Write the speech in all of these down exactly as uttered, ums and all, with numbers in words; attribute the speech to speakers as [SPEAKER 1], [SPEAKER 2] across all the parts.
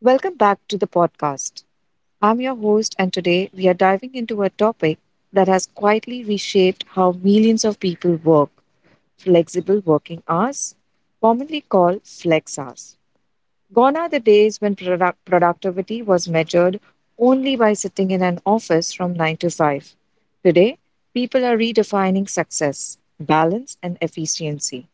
[SPEAKER 1] Welcome back to the podcast. I'm your host, and today we are diving into a topic that has quietly reshaped how millions of people work flexible working hours, commonly called flex hours. Gone are the days when product- productivity was measured only by sitting in an office from nine to five. Today, people are redefining success, balance, and efficiency.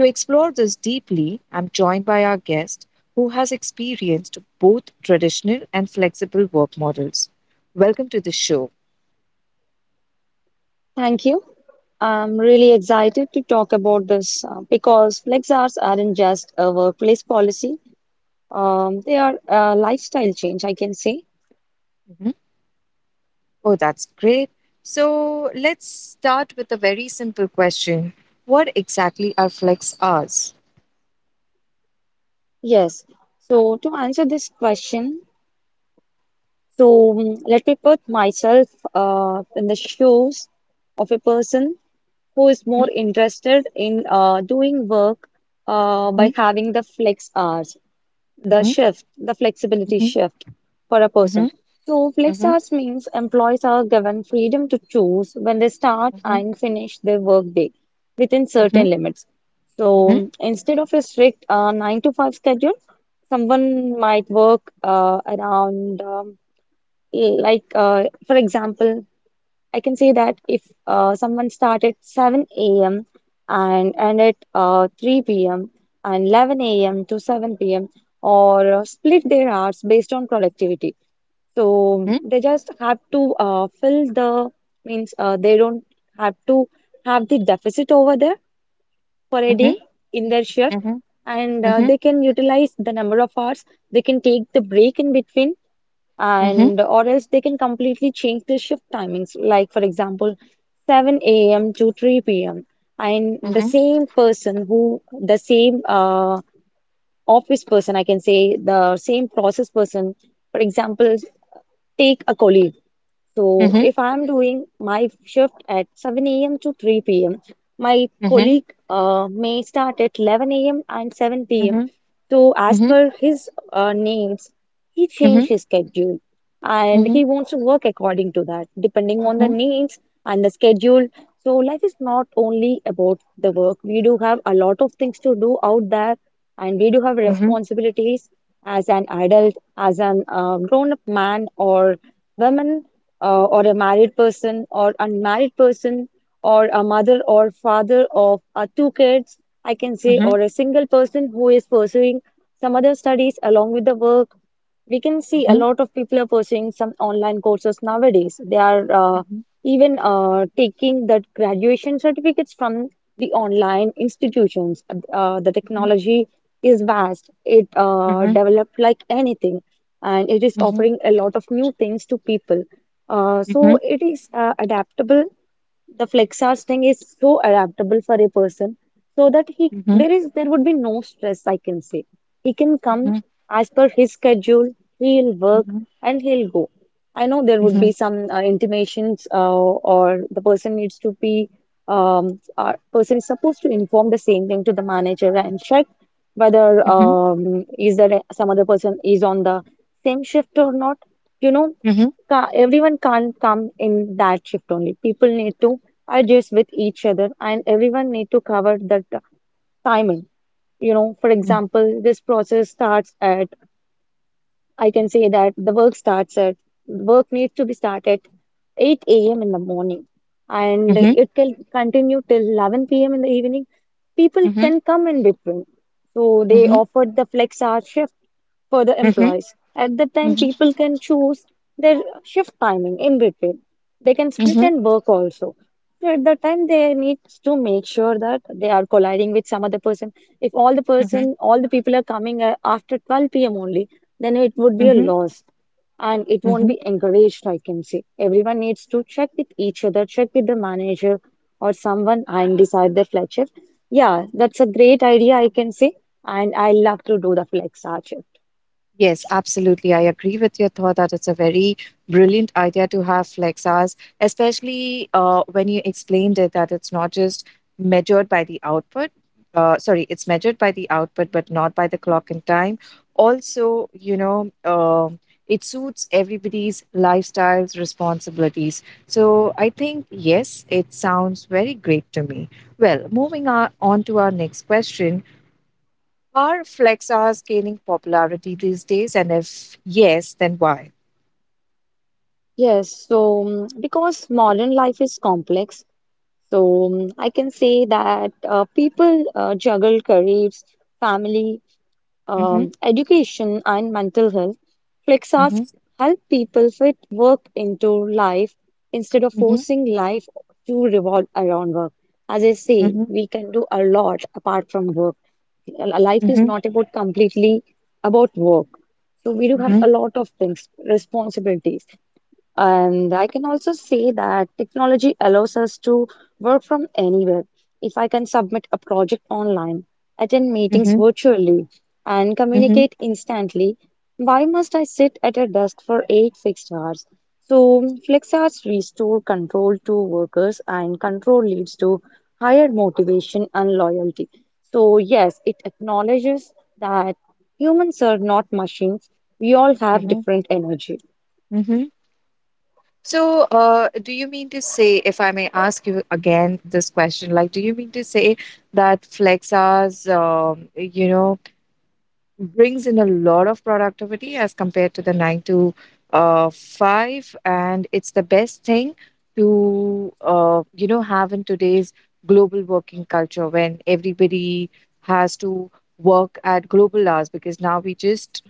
[SPEAKER 1] To explore this deeply, I'm joined by our guest, who has experienced both traditional and flexible work models. Welcome to the show.
[SPEAKER 2] Thank you. I'm really excited to talk about this uh, because flex hours aren't just a workplace policy, um, they are a lifestyle change, I can say.
[SPEAKER 1] Mhm. Oh, that's great. So let's start with a very simple question: what exactly are flex hours?
[SPEAKER 2] Yes. So, to answer this question, so mm, let me put myself uh, in the shoes of a person who is
[SPEAKER 1] Mhm,
[SPEAKER 2] more interested in uh, doing work uh, by
[SPEAKER 1] mhm,
[SPEAKER 2] having the flex hours. the
[SPEAKER 1] mhm,
[SPEAKER 2] shift, the flexibility
[SPEAKER 1] mhm,
[SPEAKER 2] shift for a
[SPEAKER 1] mhm,
[SPEAKER 2] person. So, flex hours means employees are given freedom to choose when they start
[SPEAKER 1] mhm,
[SPEAKER 2] and finish their workday within
[SPEAKER 1] mhm,
[SPEAKER 2] certain limits.
[SPEAKER 1] mhm,
[SPEAKER 2] So, instead of a strict uh, nine to five schedule, someone might work uh, around, um, like, uh, for example, I can say that if uh, someone started seven a m and ended uh, three p m and eleven a m to seven p m or uh, split their hours based on productivity. So
[SPEAKER 1] mhm,
[SPEAKER 2] they just have to uh, fill the means uh, they don't have to have the deficit over there for a
[SPEAKER 1] mhm,
[SPEAKER 2] day in their shift,
[SPEAKER 1] mhm,
[SPEAKER 2] and uh,
[SPEAKER 1] mhm,
[SPEAKER 2] they can utilize the number of hours. They can take the break in between,
[SPEAKER 1] mhm,
[SPEAKER 2] and or else they can completely change the shift timings, like for example seven a m to three p m And the same person who the same uh, office person I can say the same process person, for example, take a colleague. So
[SPEAKER 1] mhm,
[SPEAKER 2] if I'm doing my shift at seven a m to three p m, my
[SPEAKER 1] mhm, mhm, mhm,
[SPEAKER 2] colleague uh, may start at eleven a m and seven p m.
[SPEAKER 1] mhm,
[SPEAKER 2] So as
[SPEAKER 1] mhm, mhm,
[SPEAKER 2] per his uh, needs, he
[SPEAKER 1] mhm, mhm,
[SPEAKER 2] change
[SPEAKER 1] mhm,
[SPEAKER 2] his schedule and
[SPEAKER 1] mhm,
[SPEAKER 2] he wants to work according to that, depending on the needs and the schedule. So life is not only about the work. We do have a lot of things to do out there, and we do have
[SPEAKER 1] mhm,
[SPEAKER 2] responsibilities as an adult, as an uh, grown-up man or women, uh, or a married person or unmarried person or a mother or father of uh, two kids, I can say,
[SPEAKER 1] mhm,
[SPEAKER 2] or a single person who is pursuing some other studies along with the work. We can see a
[SPEAKER 1] mhm,
[SPEAKER 2] lot of people are pursuing some online courses nowadays. They are uh,
[SPEAKER 1] mhm,
[SPEAKER 2] even uh, taking the graduation certificates from the online institutions. Uh, the
[SPEAKER 1] mhm,
[SPEAKER 2] technology is vast. It uh,
[SPEAKER 1] mhm,
[SPEAKER 2] developed like anything, and it is
[SPEAKER 1] mhm,
[SPEAKER 2] offering a lot of new things to people. Uh, so
[SPEAKER 1] mhm,
[SPEAKER 2] it is uh, adaptable, the flexors thing is so adaptable for a person, so that he
[SPEAKER 1] mhm,
[SPEAKER 2] there is there would be no stress, I can say. He can come
[SPEAKER 1] mhm,
[SPEAKER 2] as per his schedule, he'll work
[SPEAKER 1] mhm,
[SPEAKER 2] and he'll go. I know there would
[SPEAKER 1] mhm,
[SPEAKER 2] be some uh, intimations, uh, or the person needs to be um uh, person is supposed to inform the same thing to the manager and check whether,
[SPEAKER 1] mhm,
[SPEAKER 2] um is there a- some other person is on the same shift or not, you know.
[SPEAKER 1] mhm,
[SPEAKER 2] Ca- everyone can't come in that shift only, people need to ideas with each other and everyone need to cover that uh, timing, you know. For
[SPEAKER 1] mhm,
[SPEAKER 2] example, this process starts at, I can say that the work starts at, work needs to be started eight a m in the morning, and
[SPEAKER 1] mhm,
[SPEAKER 2] it can continue till eleven p m in the evening. People
[SPEAKER 1] mhm, mhm,
[SPEAKER 2] can come in between. So they
[SPEAKER 1] mhm,
[SPEAKER 2] offered the flex hour shift for the employees. At that time,
[SPEAKER 1] mhm,
[SPEAKER 2] people can choose their shift timing in between. They can split and work also. So at that time, they need to make sure that they are colliding with some other person. If all the
[SPEAKER 1] mhm,
[SPEAKER 2] person, all the people are coming uh, after twelve p m only, then it would be
[SPEAKER 1] mhm,
[SPEAKER 2] a
[SPEAKER 1] mhm,
[SPEAKER 2] loss and it won't
[SPEAKER 1] mhm.
[SPEAKER 2] be encouraged, I can say. Everyone needs to check with each other, check with the manager or someone and decide the flex shift. Yeah, that's a great idea, I can say. And I love to do the flex hour shift.
[SPEAKER 1] Yes, absolutely. I agree with your thought that it's a very brilliant idea to have flex hours, especially uh, when you explained it that it's not just measured by the output. Uh, sorry, it's measured by the output, but not by the clock and time. Also, you know, um it suits everybody's lifestyles, responsibilities. So I think, yes, it sounds very great to me. Well, moving on, on to our next question. Are flex hours gaining popularity these days? And if yes, then why?
[SPEAKER 2] Yes, so mm, because modern life is complex, so mm, I can say that uh, people uh, juggle careers, family,
[SPEAKER 1] Mm-hmm,
[SPEAKER 2] um, education and mental health, flex
[SPEAKER 1] mm-hmm,
[SPEAKER 2] help people fit work into life instead of
[SPEAKER 1] mm-hmm,
[SPEAKER 2] forcing life to revolve around work. As I say,
[SPEAKER 1] mm-hmm,
[SPEAKER 2] we can do a lot apart from work. L- Life is
[SPEAKER 1] mm-hmm,
[SPEAKER 2] not about completely about work. So we do have
[SPEAKER 1] mm-hmm,
[SPEAKER 2] a lot of things, responsibilities. And I can also say that technology allows us to work from anywhere. If I can submit a project online, attend meetings
[SPEAKER 1] mm-hmm,
[SPEAKER 2] virtually, and
[SPEAKER 1] mm-hmm,
[SPEAKER 2] communicate instantly, why must I sit at a desk for eight fixed hours? So, flex hours restore control to workers, and control leads to higher motivation and loyalty. So, yes, it acknowledges that humans are not machines. We all have
[SPEAKER 1] mm-hmm,
[SPEAKER 2] different energy.
[SPEAKER 1] mm-hmm. So, uh, do you mean to say, if I may ask you again this question, like, do you mean to say that flex hours, um, you know, brings in a lot of productivity as compared to the nine to uh, five. And it's the best thing to, uh, you know, have in today's global working culture when everybody has to work at global hours because now we just,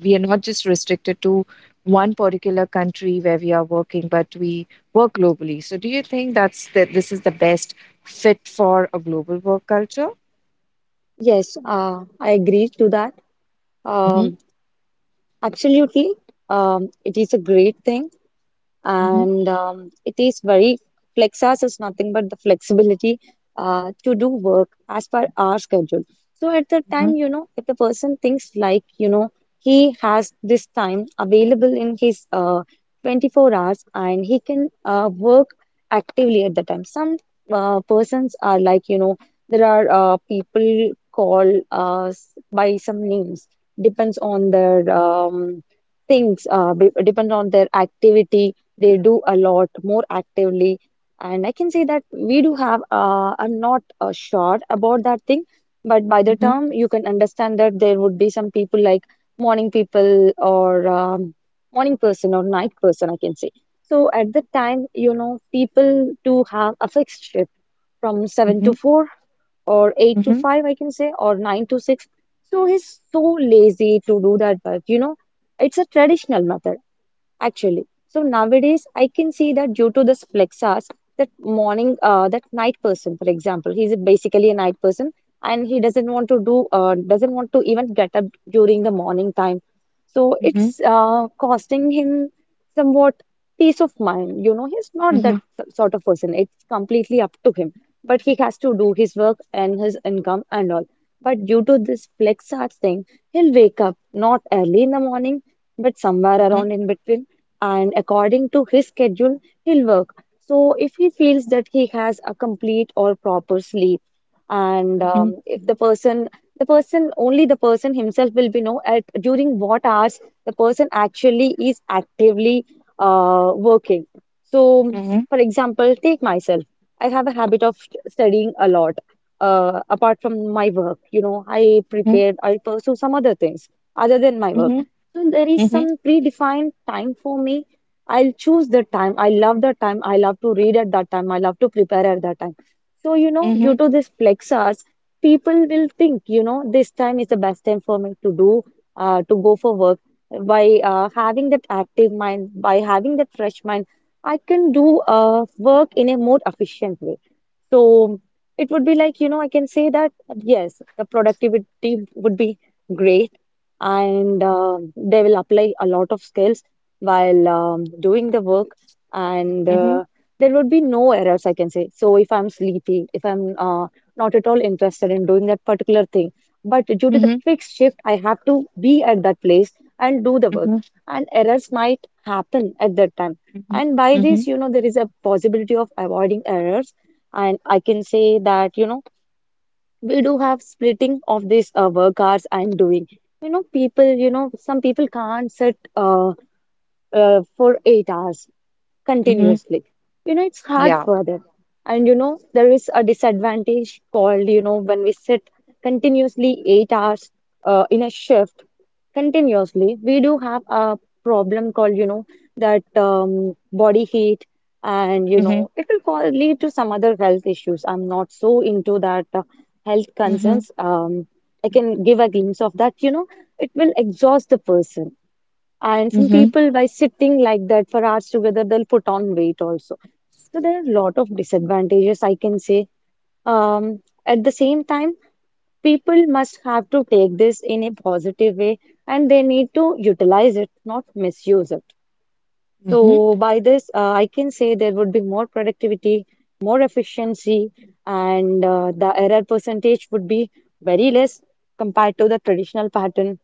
[SPEAKER 1] we are not just restricted to one particular country where we are working, but we work globally. So do you think that's that this is the best fit for a global work culture?
[SPEAKER 2] Yes, uh, I agree to that.
[SPEAKER 1] Hmm,
[SPEAKER 2] Um, absolutely. Um, it is a great thing
[SPEAKER 1] hmm,
[SPEAKER 2] and um, it is very, flex hours is nothing but the flexibility uh, to do work as per our schedule. So at the time,
[SPEAKER 1] hmm,
[SPEAKER 2] you know, if the person thinks, like, you know, he has this time available in his uh, twenty-four hours and he can uh, work actively. At the time, some uh, persons are, like, you know, there are uh, people call uh, s- by some names, depends on their um, things, uh, be- depend on their activity, they do a lot more actively. And I can say that we do have, uh, I'm not uh, sure about that thing, but by the term you can understand that there would be some people like morning people, or um, morning person or night person, I can say. So at the time, you know, people do have a fixed shift from seven
[SPEAKER 1] hmm,
[SPEAKER 2] to four or eight to
[SPEAKER 1] hmm.
[SPEAKER 2] five, I can say, or nine to six. So he's so lazy to do that work, you know. It's a traditional method, actually. So nowadays, I can see that due to this flex hours, that morning, uh, that night person, for example, he's basically a night person and he doesn't want to do, uh, doesn't want to even get up during the morning time. So
[SPEAKER 1] Mhm,
[SPEAKER 2] it's uh, costing him somewhat peace of mind. You know, he's not that
[SPEAKER 1] mhm,
[SPEAKER 2] s- sort of person. It's completely up to him. But he has to do his work and his income and all. But due to this flex hours thing, he'll wake up not early in the morning, but somewhere
[SPEAKER 1] mhm,
[SPEAKER 2] around in between, and according to his schedule, he'll work. So if he feels that he has a complete or proper sleep, and
[SPEAKER 1] mhm,
[SPEAKER 2] um, if the person, the person, only the person himself will be know at during what hours the person actually is actively uh, working. So,
[SPEAKER 1] mhm,
[SPEAKER 2] for example, take myself. I have a habit of st- studying a lot. Uh, apart from my work, you know, I
[SPEAKER 1] mhm,
[SPEAKER 2] prepared, I pursue some other things other than my work.
[SPEAKER 1] mhm,
[SPEAKER 2] So there is
[SPEAKER 1] mhm,
[SPEAKER 2] some predefined time for me. I'll choose the time. I love the time. I love to read at that time. I love to prepare at that time. So, you
[SPEAKER 1] mhm,
[SPEAKER 2] know, due
[SPEAKER 1] mhm,
[SPEAKER 2] to this flex hours, people will think, you know, this time is the best time for me to do, uh, to go for work. By uh, having that active mind, by having that fresh mind, I can do uh, work in a more efficient way. So it would be like, you know, I can say that yes, the productivity would be great and uh, they will apply a lot of skills while um, doing the work, and
[SPEAKER 1] mhm,
[SPEAKER 2] uh, there would be no errors, I can say. So if I'm sleepy, if I'm uh, not at all interested in doing that particular thing, but due to the fixed shift I have to be at that place and do the
[SPEAKER 1] mhm,
[SPEAKER 2] work, and errors might happen at that time.
[SPEAKER 1] mhm,
[SPEAKER 2] And by
[SPEAKER 1] mhm,
[SPEAKER 2] this, you know, there is a possibility of avoiding errors. And I can say that, you know, we do have splitting of these uh, work hours I'm doing. You know, people, you know, some people can't sit uh, uh, for eight hours
[SPEAKER 1] mhm.
[SPEAKER 2] continuously. You know, it's hard
[SPEAKER 1] Yeah.
[SPEAKER 2] for them. And you know, there is a disadvantage called, you know, when we sit continuously eight hours uh, in a shift continuously, we do have a problem called, you know, that um, body heat. And you
[SPEAKER 1] Mhm,
[SPEAKER 2] know, it will call, lead to some other health issues. I'm not so into that uh, health
[SPEAKER 1] mhm,
[SPEAKER 2] concerns. Um, I can give a glimpse of that. You know, it will exhaust the person, and some
[SPEAKER 1] mhm,
[SPEAKER 2] people, by sitting like that for hours together, they'll put on weight also. So there are a lot of disadvantages, I can say. Um, at the same time, people must have to take this in a positive way and they need to utilize it, not misuse it.
[SPEAKER 1] mhm, yeah.
[SPEAKER 2] So by this, uh, I can say there would be more productivity, more efficiency, and uh, the error percentage would be very less compared to the traditional pattern.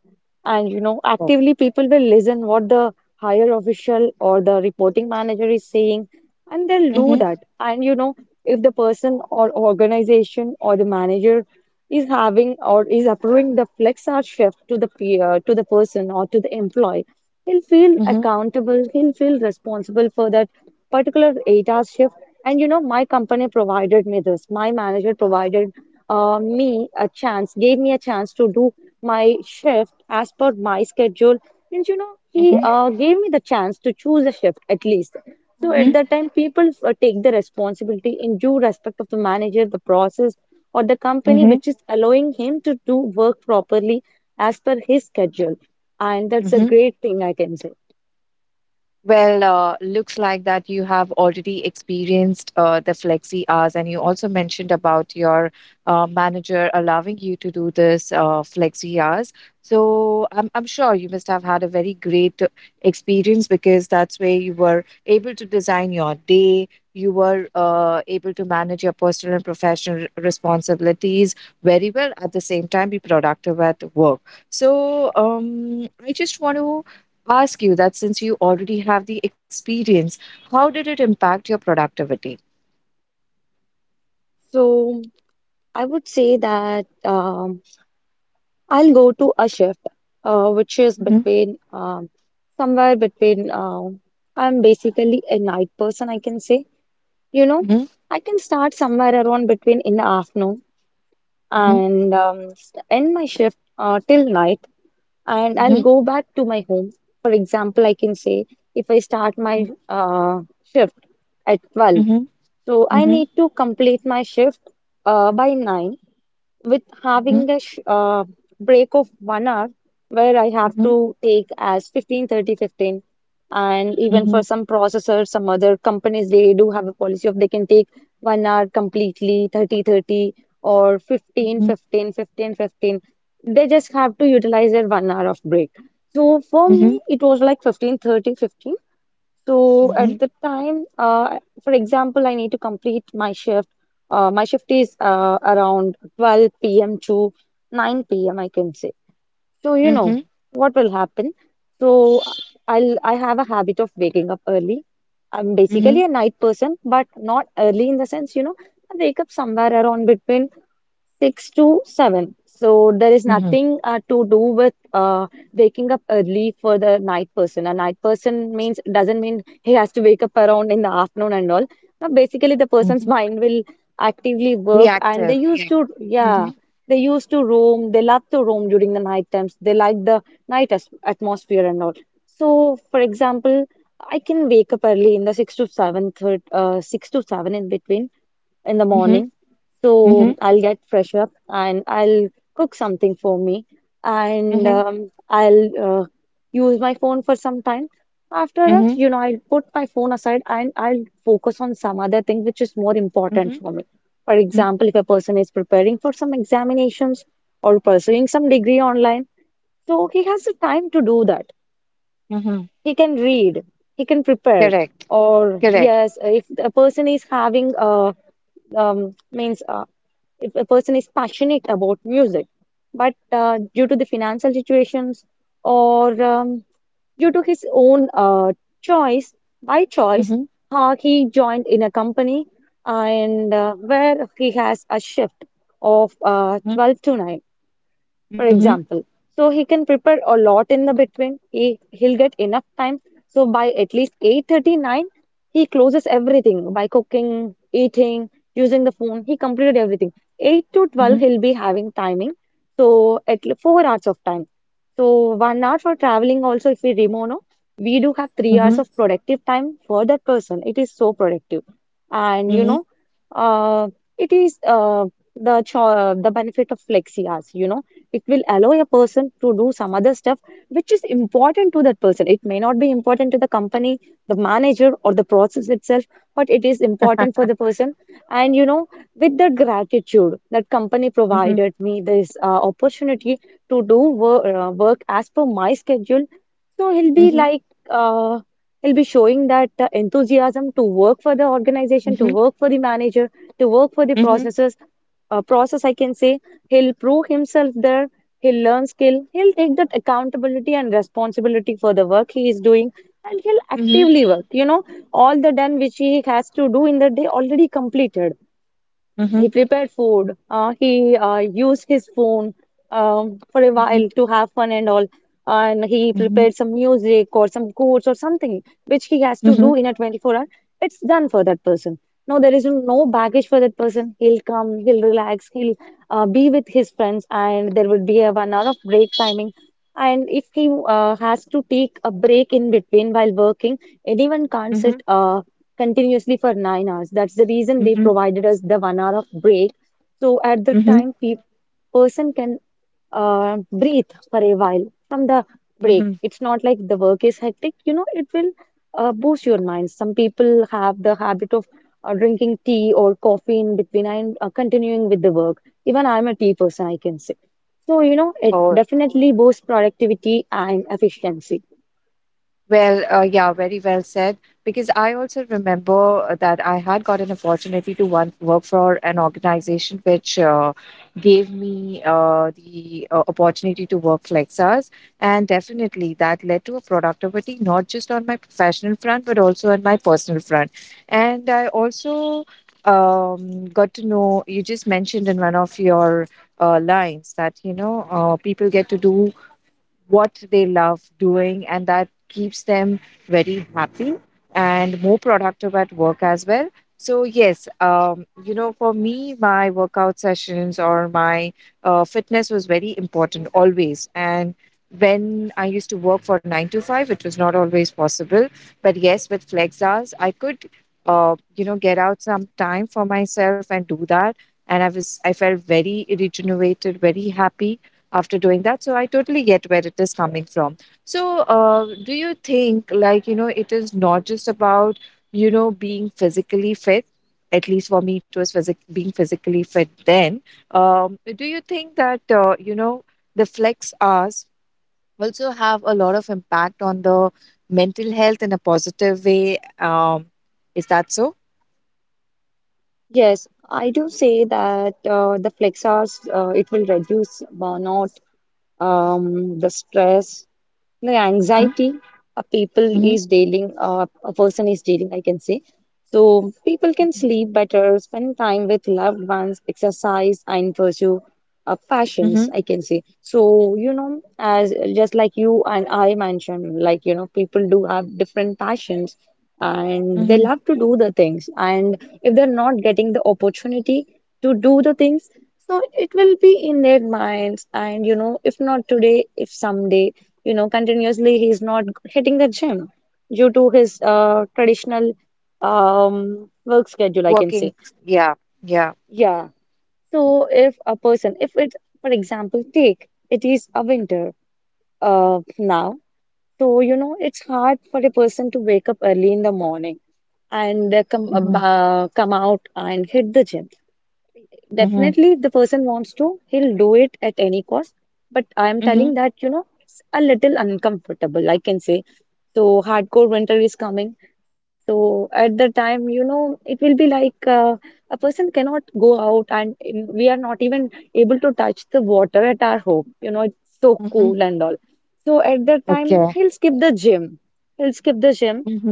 [SPEAKER 2] And you know, actively people will listen what the higher official or the reporting manager is saying, and they'll
[SPEAKER 1] Mhm,
[SPEAKER 2] do
[SPEAKER 1] mhm,
[SPEAKER 2] that. And you know, if the person or organization or the manager is having or is approving the flex hour shift to the peer, to the person or to the employee, he'll feel
[SPEAKER 1] mhm,
[SPEAKER 2] accountable, he'll feel responsible for that particular eight hour shift. And you know, my company provided me this. My manager provided uh, me a chance, gave me a chance to do my shift as per my schedule. And you know, he uh, gave me the chance to choose a shift at least.
[SPEAKER 1] mhm,
[SPEAKER 2] So
[SPEAKER 1] mhm,
[SPEAKER 2] at that time, people uh, take the responsibility in due respect of the manager, the process, or the company,
[SPEAKER 1] mhm,
[SPEAKER 2] which is allowing him to do work properly as per his schedule, and that's a
[SPEAKER 1] mhm.
[SPEAKER 2] great thing, I can say.
[SPEAKER 1] Well, uh, looks like that you have already experienced uh, the flexi hours, and you also mentioned about your uh, manager allowing you to do this uh, flexi hours. So I'm I'm sure you must have had a very great experience because that's where you were able to design your day. You were uh, able to manage your personal and professional responsibilities very well. At the same time, be productive at work. So um, I just want to ask you that since you already have the experience, how did it impact your productivity?
[SPEAKER 2] So I would say that um, I'll go to a shift, uh, which is
[SPEAKER 1] Mhm,
[SPEAKER 2] between, um, somewhere between. um I'm basically a night person, I can say. You know,
[SPEAKER 1] mhm,
[SPEAKER 2] I can start somewhere around between in the afternoon,
[SPEAKER 1] mhm,
[SPEAKER 2] and um, s- end my shift uh, till night, and I'll
[SPEAKER 1] mhm,
[SPEAKER 2] go back to my home. For example, I can say, if I start my uh, shift at twelve.
[SPEAKER 1] mhm,
[SPEAKER 2] So
[SPEAKER 1] mhm,
[SPEAKER 2] I
[SPEAKER 1] mhm,
[SPEAKER 2] need to complete my shift uh, by nine, with
[SPEAKER 1] mhm,
[SPEAKER 2] having a sh uh, break of one hour, where I have
[SPEAKER 1] mhm,
[SPEAKER 2] to take as fifteen thirty fifteen. And even for
[SPEAKER 1] mhm,
[SPEAKER 2] some processors, some other companies, they do have a policy of they can take one hour completely, thirty thirty or fifteen
[SPEAKER 1] mhm,
[SPEAKER 2] fifteen fifteen fifteen. They just have to utilize their one hour of break. So for
[SPEAKER 1] mhm,
[SPEAKER 2] me, it was like fifteen thirty fifteen. So at the time, uh, for example, I need to complete my shift. Uh, my shift is uh, around twelve p m to nine p m, I can say. So you know
[SPEAKER 1] mhm,
[SPEAKER 2] what will happen. So I'll I have a habit of waking up early. I'm
[SPEAKER 1] mhm,
[SPEAKER 2] basically a night person, but not early in the sense. You know, I wake up somewhere around between six to seven. So there is
[SPEAKER 1] mhm,
[SPEAKER 2] nothing uh, to do with uh, waking up early for the night person. A night person means doesn't mean he has to wake up around in the afternoon and all. Now, basically, the person's
[SPEAKER 1] mhm.
[SPEAKER 2] mind will actively
[SPEAKER 1] Be
[SPEAKER 2] work, and
[SPEAKER 1] active.
[SPEAKER 2] they
[SPEAKER 1] Yeah.
[SPEAKER 2] used to, yeah,
[SPEAKER 1] Mhm,
[SPEAKER 2] they used to roam. They love to roam during the night times. They like the night as atmosphere and all. So, for example, I can wake up early in the six to seven, third, uh, six to seven in between in the
[SPEAKER 1] mhm,
[SPEAKER 2] morning, so
[SPEAKER 1] mhm,
[SPEAKER 2] I'll get fresh up, and I'll cook something for me, and
[SPEAKER 1] mhm,
[SPEAKER 2] um, I'll uh, use my phone for some time. After that,
[SPEAKER 1] mhm,
[SPEAKER 2] you know, I'll put my phone aside, and I'll focus on some other thing which is more important
[SPEAKER 1] mhm,
[SPEAKER 2] for me. For
[SPEAKER 1] mhm,
[SPEAKER 2] example, if a person is preparing for some examinations or pursuing some degree online, so he has the time to do that.
[SPEAKER 1] mhm.
[SPEAKER 2] He can read, he can prepare.
[SPEAKER 1] Correct.
[SPEAKER 2] Or
[SPEAKER 1] Correct.
[SPEAKER 2] yes, if a person is having a, um, means, uh, if a person is passionate about music, but uh, due to the financial situations, or um, due to his own uh, choice, by choice,
[SPEAKER 1] Mhm,
[SPEAKER 2] uh, he joined in a company, and uh, where he has a shift of uh,
[SPEAKER 1] mhm,
[SPEAKER 2] twelve to nine, for
[SPEAKER 1] mhm,
[SPEAKER 2] example. So he can prepare a lot in the between. He he'll get enough time. So by at least eight thirty-nine, he closes everything by cooking, eating, using the phone. He completed everything. eight to twelve,
[SPEAKER 1] mhm,
[SPEAKER 2] he'll be having timing. So at le- four hours of time. So one hour for traveling also, if we remove, no, we do have three hours
[SPEAKER 1] mhm,
[SPEAKER 2] of productive time for that person. It is so productive. And
[SPEAKER 1] mhm,
[SPEAKER 2] you
[SPEAKER 1] mhm,
[SPEAKER 2] know, uh, it is uh, the cho the benefit of flexi hours. You know, it will allow a person to do some other stuff which is important to that person. It may not be important to the company, the manager, or the process itself, but it is important for the person. And, you know, with the gratitude that company
[SPEAKER 1] mhm,
[SPEAKER 2] provided me this uh, opportunity to do wor- uh, work as per my schedule, so he'll be
[SPEAKER 1] mhm,
[SPEAKER 2] like, uh, he'll be showing that uh, enthusiasm to work for the organization, to
[SPEAKER 1] mhm,
[SPEAKER 2] work for the manager, to work for the
[SPEAKER 1] mhm,
[SPEAKER 2] processes, uh, process, I can say. He'll prove himself there, he'll learn skill, he'll take that accountability and responsibility for the work he is doing, and he'll
[SPEAKER 1] mhm,
[SPEAKER 2] actively work. You know, all the done which he has to do in the day already completed.
[SPEAKER 1] mhm,
[SPEAKER 2] He
[SPEAKER 1] mhm,
[SPEAKER 2] prepared food. Uh, he uh, used his phone um, for a while to have fun and all. And he
[SPEAKER 1] mhm.
[SPEAKER 2] prepared some music or some quotes or something which he has
[SPEAKER 1] Mhm,
[SPEAKER 2] to
[SPEAKER 1] mhm,
[SPEAKER 2] do in a twenty-four hour. It's done for that person. No, there is no baggage for that person. He'll come, he'll relax, he'll uh, be with his friends, and there will be a one hour of break timing. And if he uh, has to take a break in between while working, anyone can't
[SPEAKER 1] mhm,
[SPEAKER 2] sit uh, continuously for nine hours. That's the reason they
[SPEAKER 1] mm-hmm,
[SPEAKER 2] provided us the one hour of break. So at the
[SPEAKER 1] mm-hmm,
[SPEAKER 2] time, pe person can uh, breathe for a while from the
[SPEAKER 1] mm-hmm.
[SPEAKER 2] break. It's not like the work is hectic. You know, it will uh, boost your mind. Some people have the habit of uh, drinking tea or coffee in between, and uh, continuing with the work. Even I'm a tea person, I can say. So, you know, it
[SPEAKER 1] Oh,
[SPEAKER 2] definitely boosts productivity and efficiency.
[SPEAKER 1] well, uh, yeah, very well said. Because I also remember uh, that I had got an opportunity to one, work for an organization which uh, gave me uh, the uh, opportunity to work flex hours. And definitely that led to a productivity, not just on my professional front, but also on my personal front. And I also um, got to know, you just mentioned in one of your uh, lines that, you know, uh, people get to do what they love doing, and that keeps them very happy and more productive at work as well. So, yes, um, you know, for me, my workout sessions or my uh, fitness was very important always. And when I used to work for nine to five, it was not always possible. But yes, with flex hours, I could, uh, you know, get out some time for myself and do that. And I was, I felt very regenerated, very happy after doing that, so I totally get where it is coming from. So uh, do you think, like, you know, it is not just about, you know, being physically fit? At least for me it was physic- being physically fit. Then, um, do you think that, uh, you know, the flex hours also have a lot of impact on the mental health in a positive way? Um, is that so?
[SPEAKER 2] Yes, I do say that uh, the flex hours, uh, it will reduce burnout, um, the stress, the
[SPEAKER 1] Hmm,
[SPEAKER 2] anxiety a people
[SPEAKER 1] hmm,
[SPEAKER 2] is dealing, uh, a person is dealing, I can say. So people can sleep better, spend time with loved ones, exercise, and pursue uh, passions, I
[SPEAKER 1] hmm,
[SPEAKER 2] can say. So, you know, as just like you and I mentioned, like, you know, people do have different passions, and they
[SPEAKER 1] hmm,
[SPEAKER 2] love to do the things. And if they're not getting the opportunity to do the things, so it will be in their minds. And, you know, if not today, if someday. You know, continuously he's not hitting the gym due to his uh, traditional um, work schedule, I can
[SPEAKER 1] working,
[SPEAKER 2] say.
[SPEAKER 1] yeah, yeah,
[SPEAKER 2] Yeah. So if a person, if it, for example, take it is a winter uh, now, so you know it's hard for a person to wake up early in the morning, and uh, come
[SPEAKER 1] hmm,
[SPEAKER 2] ab- uh, come out and hit the gym.
[SPEAKER 1] hmm,
[SPEAKER 2] Definitely, if the person wants to, he'll do it at any cost. But I'm telling that, you know, it's a little uncomfortable, I can say. So hardcore winter is coming. So at the time, you know, it will be like, uh, a person cannot go out, and in, we are not even able to touch the water at our home. You know, it's so
[SPEAKER 1] hmm.
[SPEAKER 2] cool and all. So at that
[SPEAKER 1] Okay.
[SPEAKER 2] time, he'll skip the gym. He'll skip the gym,
[SPEAKER 1] Mhm,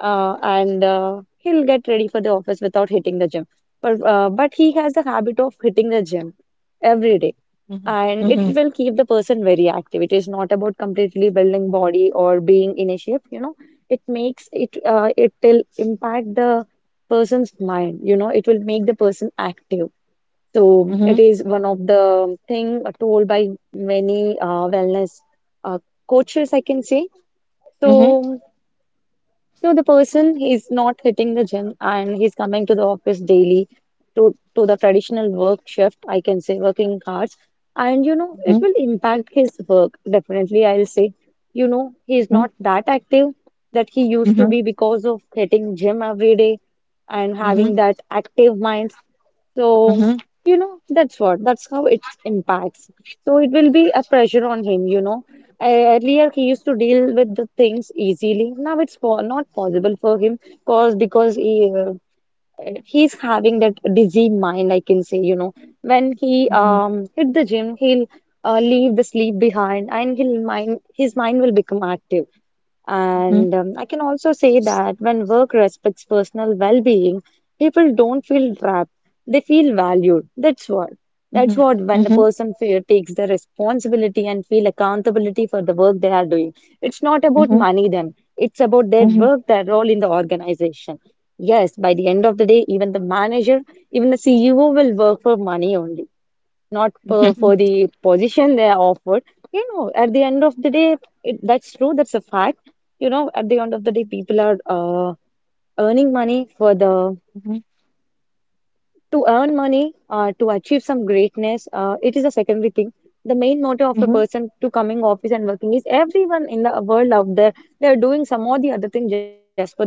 [SPEAKER 2] uh, and uh, he'll get ready for the office without hitting the gym. But, uh, but he has the habit of hitting the gym every day,
[SPEAKER 1] mhm,
[SPEAKER 2] and it
[SPEAKER 1] mhm,
[SPEAKER 2] will keep the person very active. It is not about completely building body or being in a shape, you know. It makes it uh, It will impact the person's mind. You know, it will make the person active. So
[SPEAKER 1] mhm,
[SPEAKER 2] it is one of the thing told by many uh, wellness uh, coaches, I can say.
[SPEAKER 1] mhm,
[SPEAKER 2] So so the person is not hitting the gym, and he's coming to the office daily to, to the traditional work shift, I can say, working hours. And, you know,
[SPEAKER 1] mhm,
[SPEAKER 2] it will impact his work. Definitely, I'll say, you know, he's
[SPEAKER 1] mhm,
[SPEAKER 2] not that active that he used to
[SPEAKER 1] mhm,
[SPEAKER 2] be because of hitting gym every day and
[SPEAKER 1] mhm,
[SPEAKER 2] having that active mind. So,
[SPEAKER 1] mhm,
[SPEAKER 2] you know, that's what, that's how it impacts. So it will be a pressure on him, you know. E, Earlier he used to deal with the things easily. Now it's po not possible for him, cause because he uh, he's having that dizzy mind, I can say, you know. When he
[SPEAKER 1] mhm,
[SPEAKER 2] um hit the gym, he'll uh, leave the sleep behind, and he'll mind his mind will become active.
[SPEAKER 1] mhm,
[SPEAKER 2] And um, I can also say that when work respects personal well-being, people don't feel trapped. They feel valued. That's what.
[SPEAKER 1] mhm,
[SPEAKER 2] That's what when
[SPEAKER 1] mhm,
[SPEAKER 2] the person feel, takes the responsibility and feel accountability for the work they are doing. It's not about
[SPEAKER 1] mhm,
[SPEAKER 2] money then. It's about their
[SPEAKER 1] mhm,
[SPEAKER 2] work, their role in the organization. Yes, by the end of the day, even the manager, even the C E O will work for money only, not for, for
[SPEAKER 1] mhm,
[SPEAKER 2] the position they are offered. You know, at the end of the day, it, that's true, that's a fact. You know, at the end of the day, people are uh, earning money for the
[SPEAKER 1] mhm,
[SPEAKER 2] to earn money, uh, to achieve some greatness. Uh, it is a secondary thing. The main motive of a
[SPEAKER 1] mhm.
[SPEAKER 2] person to coming office and working is everyone in the world out there, they are doing some or the other thing just for the money,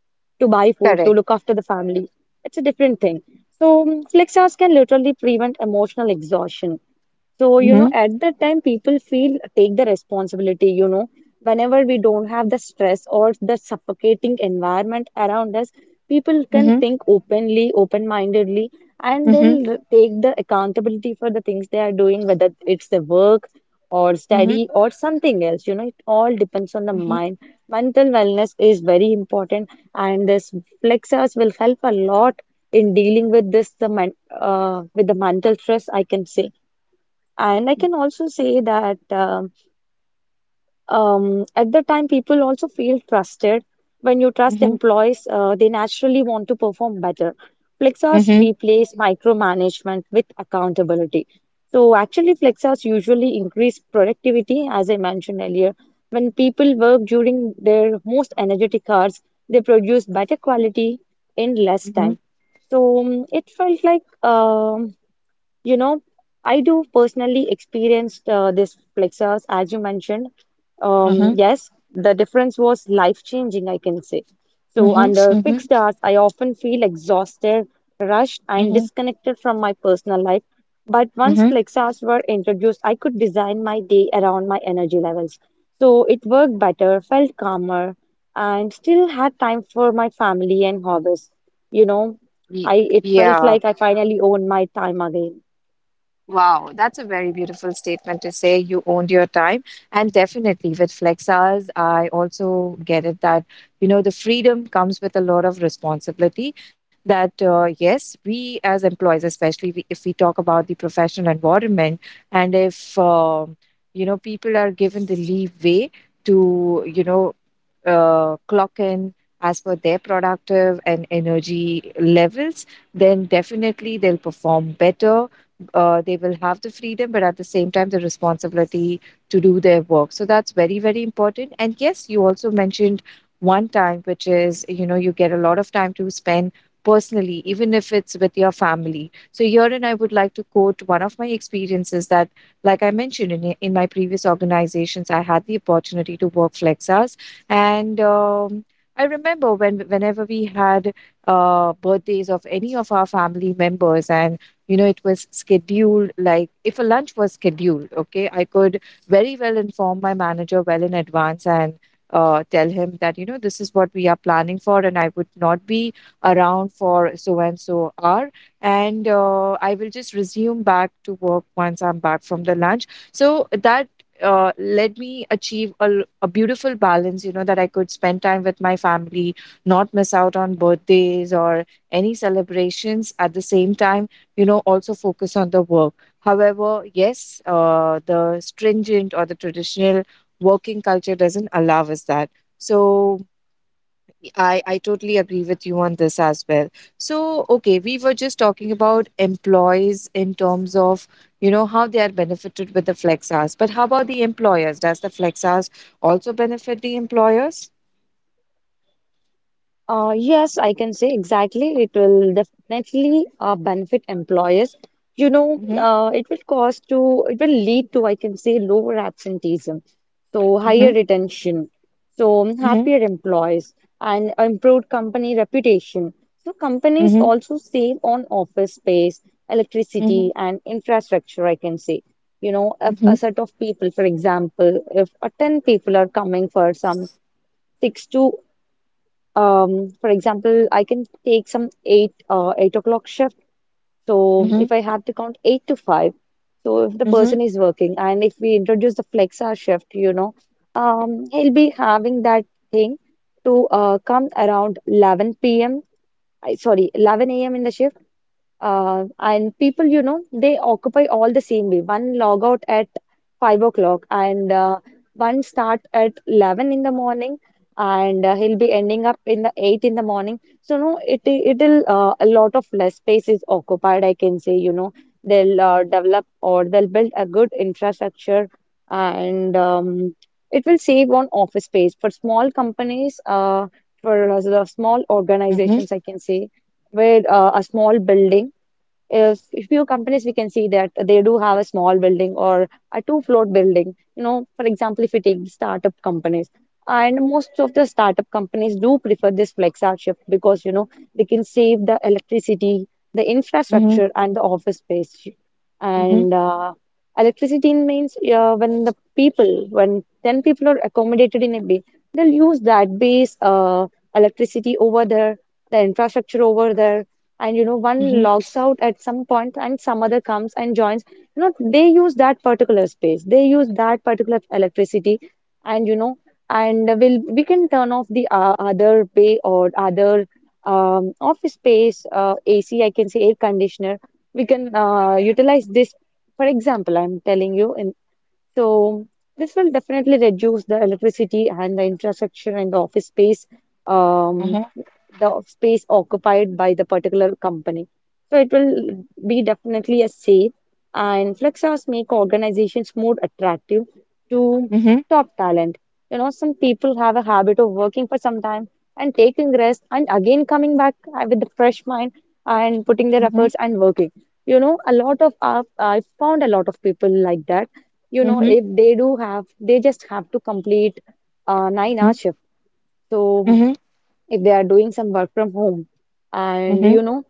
[SPEAKER 2] to buy food, to look
[SPEAKER 1] Correct.
[SPEAKER 2] after the family. It's a different thing. So, mm, flex hours can literally prevent emotional exhaustion. So, you know,
[SPEAKER 1] Mhm,
[SPEAKER 2] at that time, people feel take the responsibility, you know, whenever we don't have the stress or the suffocating environment around us, people can
[SPEAKER 1] mhm,
[SPEAKER 2] think openly, open-mindedly, and
[SPEAKER 1] mhm,
[SPEAKER 2] they'll r- take the accountability for the things they are doing, whether it's the work or
[SPEAKER 1] mhm,
[SPEAKER 2] study or something else. You know, it all depends on the
[SPEAKER 1] mhm, mhm,
[SPEAKER 2] mind. Mental wellness is very important, and this flexors will help a lot in dealing with this, the men, uh, with the mental stress, I can say. And I can also say that um, um, at the time, people also feel trusted. When you trust
[SPEAKER 1] mhm,
[SPEAKER 2] employees, uh, they naturally want to perform better. Flexors
[SPEAKER 1] mhm,
[SPEAKER 2] replace micromanagement with accountability. So actually, flexors usually increase productivity, as I mentioned earlier. When people work during their most energetic hours, they produce better quality in less
[SPEAKER 1] mhm, mhm,
[SPEAKER 2] time. So um, it felt like um you know, I do personally experienced uh, this plexus, as you mentioned. Um, yes, the difference was life-changing, I can say. So,
[SPEAKER 1] mhm,
[SPEAKER 2] under fixed hours, I often feel exhausted, rushed, and
[SPEAKER 1] mhm,
[SPEAKER 2] disconnected from my personal life. But once
[SPEAKER 1] mhm.
[SPEAKER 2] flex hours were introduced, I could design my day around my energy levels. So, it worked better, felt calmer, and still had time for my family and hobbies. You know,
[SPEAKER 1] Ye-
[SPEAKER 2] I it felt
[SPEAKER 1] Yeah.
[SPEAKER 2] like I finally owned my time again.
[SPEAKER 1] Wow, that's a very beautiful statement to say you owned your time. And definitely with flex hours, I also get it that, you know, the freedom comes with a lot of responsibility. That, uh, yes, we as employees, especially we, if we talk about the professional environment, and if, um you know, people are given the leeway to, you know, uh, clock in as per their productive and energy levels, then definitely they'll perform better. Uh, they will have the freedom, but at the same time, the responsibility to do their work. So that's very, very important. And yes, you also mentioned one time, which is, you know, you get a lot of time to spend personally, even if it's with your family. So here, and I would like to quote one of my experiences that, like I mentioned in, in my previous organizations, I had the opportunity to work flex hours, and um, I remember when whenever we had uh, birthdays of any of our family members, and you know it was scheduled. Like if a lunch was scheduled, okay, I could very well inform my manager well in advance and uh, tell him that, you know, this is what we are planning for, and I would not be around for so and so hour, and uh, I will just resume back to work once I'm back from the lunch. So that uh, let me achieve a, a beautiful balance, you know, that I could spend time with my family, not miss out on birthdays or any celebrations at the same time, you know, also focus on the work. However, yes, uh, the stringent or the traditional working culture doesn't allow us that. So I, I totally agree with you on this as well. So, okay, we were just talking about employees in terms of, you know, how they are benefited with the flex hours. But how about the employers? Does the flex hours also benefit the employers?
[SPEAKER 2] Uh, yes, I can say exactly. It will definitely uh, benefit employers. You know,
[SPEAKER 1] Mm-hmm.
[SPEAKER 2] uh, it will cause to, it will lead to, I can say, lower absenteeism, so
[SPEAKER 1] Mm-hmm.
[SPEAKER 2] higher retention, so
[SPEAKER 1] Mm-hmm.
[SPEAKER 2] happier employees, and improved company reputation. So companies
[SPEAKER 1] Mm-hmm.
[SPEAKER 2] also save on office space,
[SPEAKER 1] Mm-hmm.
[SPEAKER 2] electricity, and infrastructure, I can say. You know, if
[SPEAKER 1] Mm-hmm.
[SPEAKER 2] a set of people, for example, if uh, ten people are coming for some six to um, for example, I can take some eight uh, eight o'clock shift. So
[SPEAKER 1] Mm-hmm.
[SPEAKER 2] if I had to count eight to five, so if the
[SPEAKER 1] Mm-hmm.
[SPEAKER 2] person is working and if we introduce the flex hour shift, you know, um, he'll be having that thing to uh, come around eleven p m Sorry, eleven a m in the shift. Uh, and people, you know, they occupy all the same way. One log out at five o'clock, and uh, one start at eleven in the morning, and uh, he'll be ending up in the eight in the morning. So no, it it'll uh, a lot of less space is occupied. I can say, you know, they'll uh, develop or they'll build a good infrastructure, and um, it will save on office space for small companies. Uh, for uh, the small
[SPEAKER 1] Mm-hmm.
[SPEAKER 2] organizations, I can say where uh, a small building if if few companies we can see that they do have a small building or a two-floor building. You know, for example, if we take the startup companies, and most of the startup companies do prefer this flex hour shift because you know they can save the electricity, the
[SPEAKER 1] Mm-hmm.
[SPEAKER 2] infrastructure, and the office space.
[SPEAKER 1] Mm-hmm.
[SPEAKER 2] And uh, electricity means uh, when the people, when ten people are accommodated in a bay, they'll use that base uh, electricity over there, the infrastructure over there, and you know one
[SPEAKER 1] Mm-hmm.
[SPEAKER 2] logs out at some point and some other comes and joins. You know, they use that particular space, they use that particular electricity, and you know, and will we can turn off the uh, other bay or other um, office space, uh, A C, I can say, air conditioner. We can uh, utilize this. For example, I'm telling you in so this will definitely reduce the electricity and the infrastructure and the office space, um,
[SPEAKER 1] Mm-hmm.
[SPEAKER 2] the space occupied by the particular company. So it will be definitely a safe, and flex hours make organizations more attractive to
[SPEAKER 1] Mm-hmm.
[SPEAKER 2] top talent. You know, some people have a habit of working for some time and taking rest and again coming back uh, with a fresh mind and putting their
[SPEAKER 1] Mm-hmm.
[SPEAKER 2] efforts and working. You know, a lot of uh, I found a lot of people like that. You know,
[SPEAKER 1] Mm-hmm.
[SPEAKER 2] if they do have, they just have to complete a nine hour shift. So
[SPEAKER 1] Mm-hmm.
[SPEAKER 2] if they are doing some work from home and,
[SPEAKER 1] Mm-hmm.
[SPEAKER 2] you know,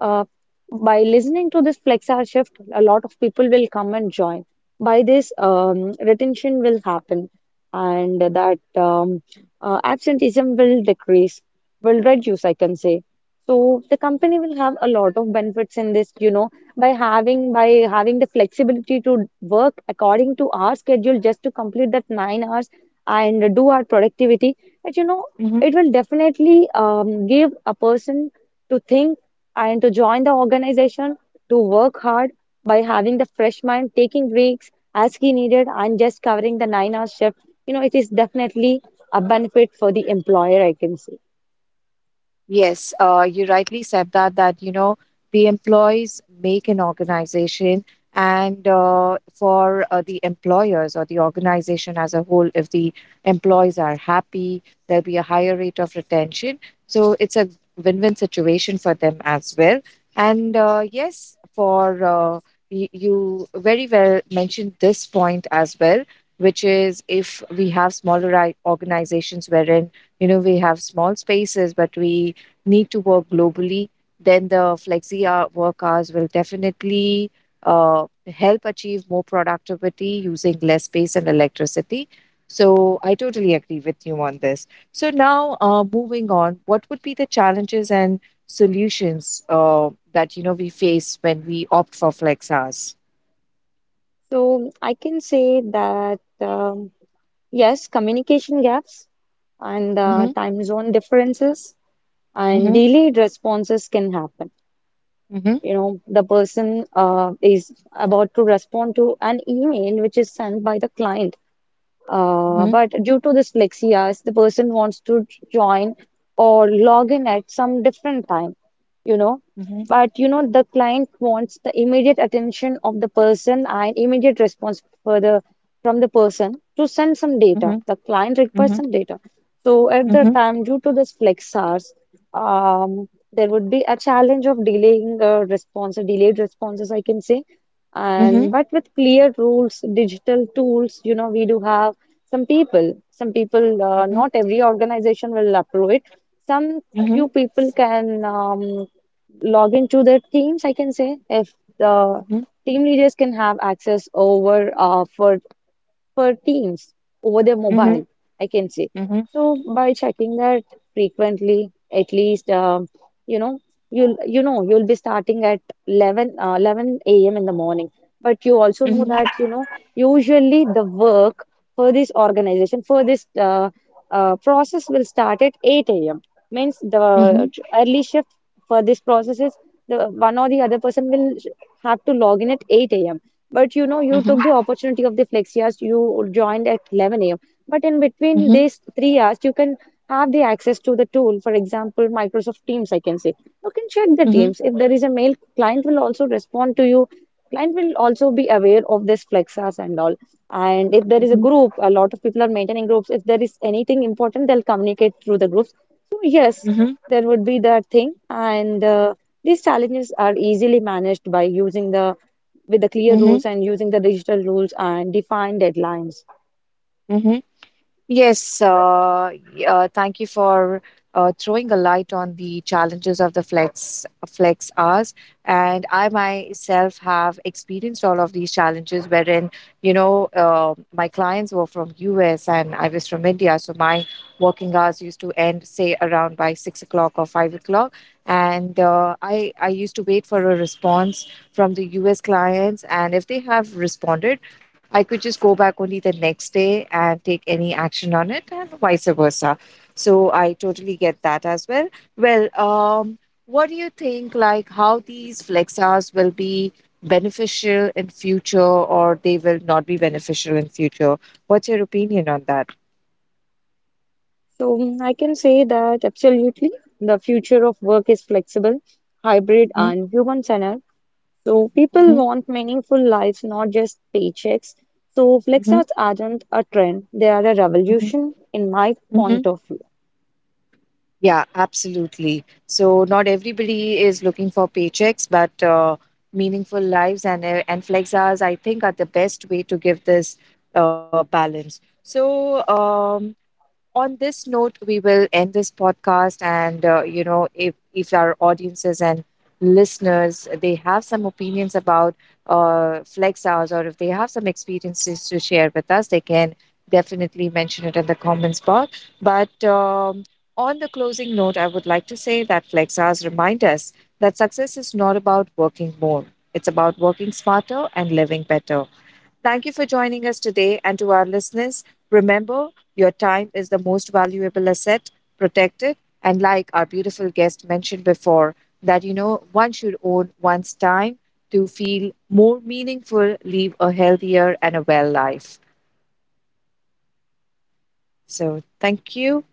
[SPEAKER 2] uh, by listening to this flex hour shift, a lot of people will come and join. By this, um, retention will happen, and that um, uh, absenteeism will decrease, will reduce, I can say. So the company will have a lot of benefits in this, you know, by having by having the flexibility to work according to our schedule, just to complete that nine hours and do our productivity. But you know,
[SPEAKER 1] Mm-hmm.
[SPEAKER 2] it will definitely um, give a person to think and to join the organization to work hard by having the fresh mind, taking breaks as he needed, and just covering the nine hour shift. You know, it is definitely a benefit for the employer, I can say.
[SPEAKER 1] Yes, uh, you rightly said that, that, you know, the employees make an organization. And uh, for uh, the employers or the organization as a whole, if the employees are happy, there'll be a higher rate of retention. So it's a win win situation for them as well. And uh, yes, for uh, y- you very well mentioned this point as well, which is if we have smaller i- organizations wherein, you know, we have small spaces but we need to work globally, then the flexi hour work hours will definitely uh, help achieve more productivity using less space and electricity. So I totally agree with you on this. So now, uh, moving on, what would be the challenges and solutions uh, that, you know, we face when we opt for flex hours?
[SPEAKER 2] So I can say that um, yes, communication gaps and uh,
[SPEAKER 1] Mm-hmm,
[SPEAKER 2] time zone differences and
[SPEAKER 1] mm-hmm,
[SPEAKER 2] delayed responses can happen.
[SPEAKER 1] mm-hmm,
[SPEAKER 2] You know, the person uh, is about to respond to an email which is sent by the client. Uh, but due to this flexi hours, the person wants to join or log in at some different time, you know.
[SPEAKER 1] mm-hmm,
[SPEAKER 2] But you know, the client wants the immediate attention of the person and immediate response for the from the person to send some data.
[SPEAKER 1] mm-hmm,
[SPEAKER 2] The client
[SPEAKER 1] mm-hmm,
[SPEAKER 2] requires some data. So at the
[SPEAKER 1] mm-hmm,
[SPEAKER 2] time, due to this flex hours, um, there would be a challenge of delaying the response, or delayed responses, I can say.
[SPEAKER 1] mm-hmm,
[SPEAKER 2] And but with clear rules, digital tools, you know, we do have some people some people, uh,
[SPEAKER 1] mm-hmm,
[SPEAKER 2] not every organization will approve it. Some
[SPEAKER 1] mm-hmm,
[SPEAKER 2] Few people can um, log into their teams, I can say, if the
[SPEAKER 1] mm-hmm,
[SPEAKER 2] team leaders can have access over uh, for for teams over their
[SPEAKER 1] mm-hmm,
[SPEAKER 2] mobile,
[SPEAKER 1] mm-hmm,
[SPEAKER 2] I can say.
[SPEAKER 1] mm-hmm,
[SPEAKER 2] So by checking that frequently, at least um, you know you'll you know you'll be starting at eleven uh, eleven a m in the morning, but you also know
[SPEAKER 1] mm-hmm,
[SPEAKER 2] that you know usually the work for this organization for this uh, uh, process will start at eight a m. Means the
[SPEAKER 1] mm-hmm,
[SPEAKER 2] early shift for this process is the one or the other person will have to log in at eight a m. But you know, you
[SPEAKER 1] mm-hmm,
[SPEAKER 2] took the opportunity of the flex hours. You joined at eleven a m. But in between
[SPEAKER 1] mm-hmm.
[SPEAKER 2] these three hours, you can have the access to the tool. For example, Microsoft Teams, I can say. You can check the
[SPEAKER 1] Mhm,
[SPEAKER 2] Teams. If there is a mail, client will also respond to you. Client will also be aware of this flex hours and all. And if there is a
[SPEAKER 1] mhm,
[SPEAKER 2] group, a lot of people are maintaining groups. If there is anything important, they'll communicate through the groups. So yes,
[SPEAKER 1] mhm,
[SPEAKER 2] there would be that thing. And uh, these challenges are easily managed by using the with the clear
[SPEAKER 1] mhm,
[SPEAKER 2] rules and using the digital rules and defined deadlines.
[SPEAKER 1] mhm. Yes, uh, y- uh, thank you for uh, throwing a light on the challenges of the flex flex hours. And I myself have experienced all of these challenges, wherein, you know, uh, my clients were from U S and I was from India, so my working hours used to end say around by six o'clock or five o'clock, and uh, I I used to wait for a response from the U S clients, and if they have responded I could just go back only the next day and take any action on it, and vice versa. So I totally get that as well. Well, um, what do you think? Like how these flex hours will be beneficial in future, or they will not be beneficial in future? What's your opinion on that?
[SPEAKER 2] So mm, I can say that absolutely the future of work is flexible, hybrid,
[SPEAKER 1] Mm-hmm,
[SPEAKER 2] and human-centered. So people want meaningful lives, not just paychecks. So
[SPEAKER 1] mm-hmm,
[SPEAKER 2] flex
[SPEAKER 1] mm-hmm,
[SPEAKER 2] hours aren't a trend, they are a revolution in my
[SPEAKER 1] mm-hmm.
[SPEAKER 2] point of view.
[SPEAKER 1] Yeah, absolutely. So not everybody is looking for paychecks, but uh, meaningful lives and uh, and flex hours, I think, are the best way to give this uh, balance. So. Um, on this note, we will end this podcast. And uh, you know, if if our audiences and listeners they have some opinions about uh, flex hours, or if they have some experiences to share with us, they can definitely mention it in the comments box. But um, on the closing note, I would like to say that flex hours remind us that success is not about working more; it's about working smarter and living better. Thank you for joining us today. And to our listeners, remember, your time is the most valuable asset, protect it. And like our beautiful guest mentioned before, that, you know, one should own one's time to feel more meaningful, live a healthier and a well life. So thank you.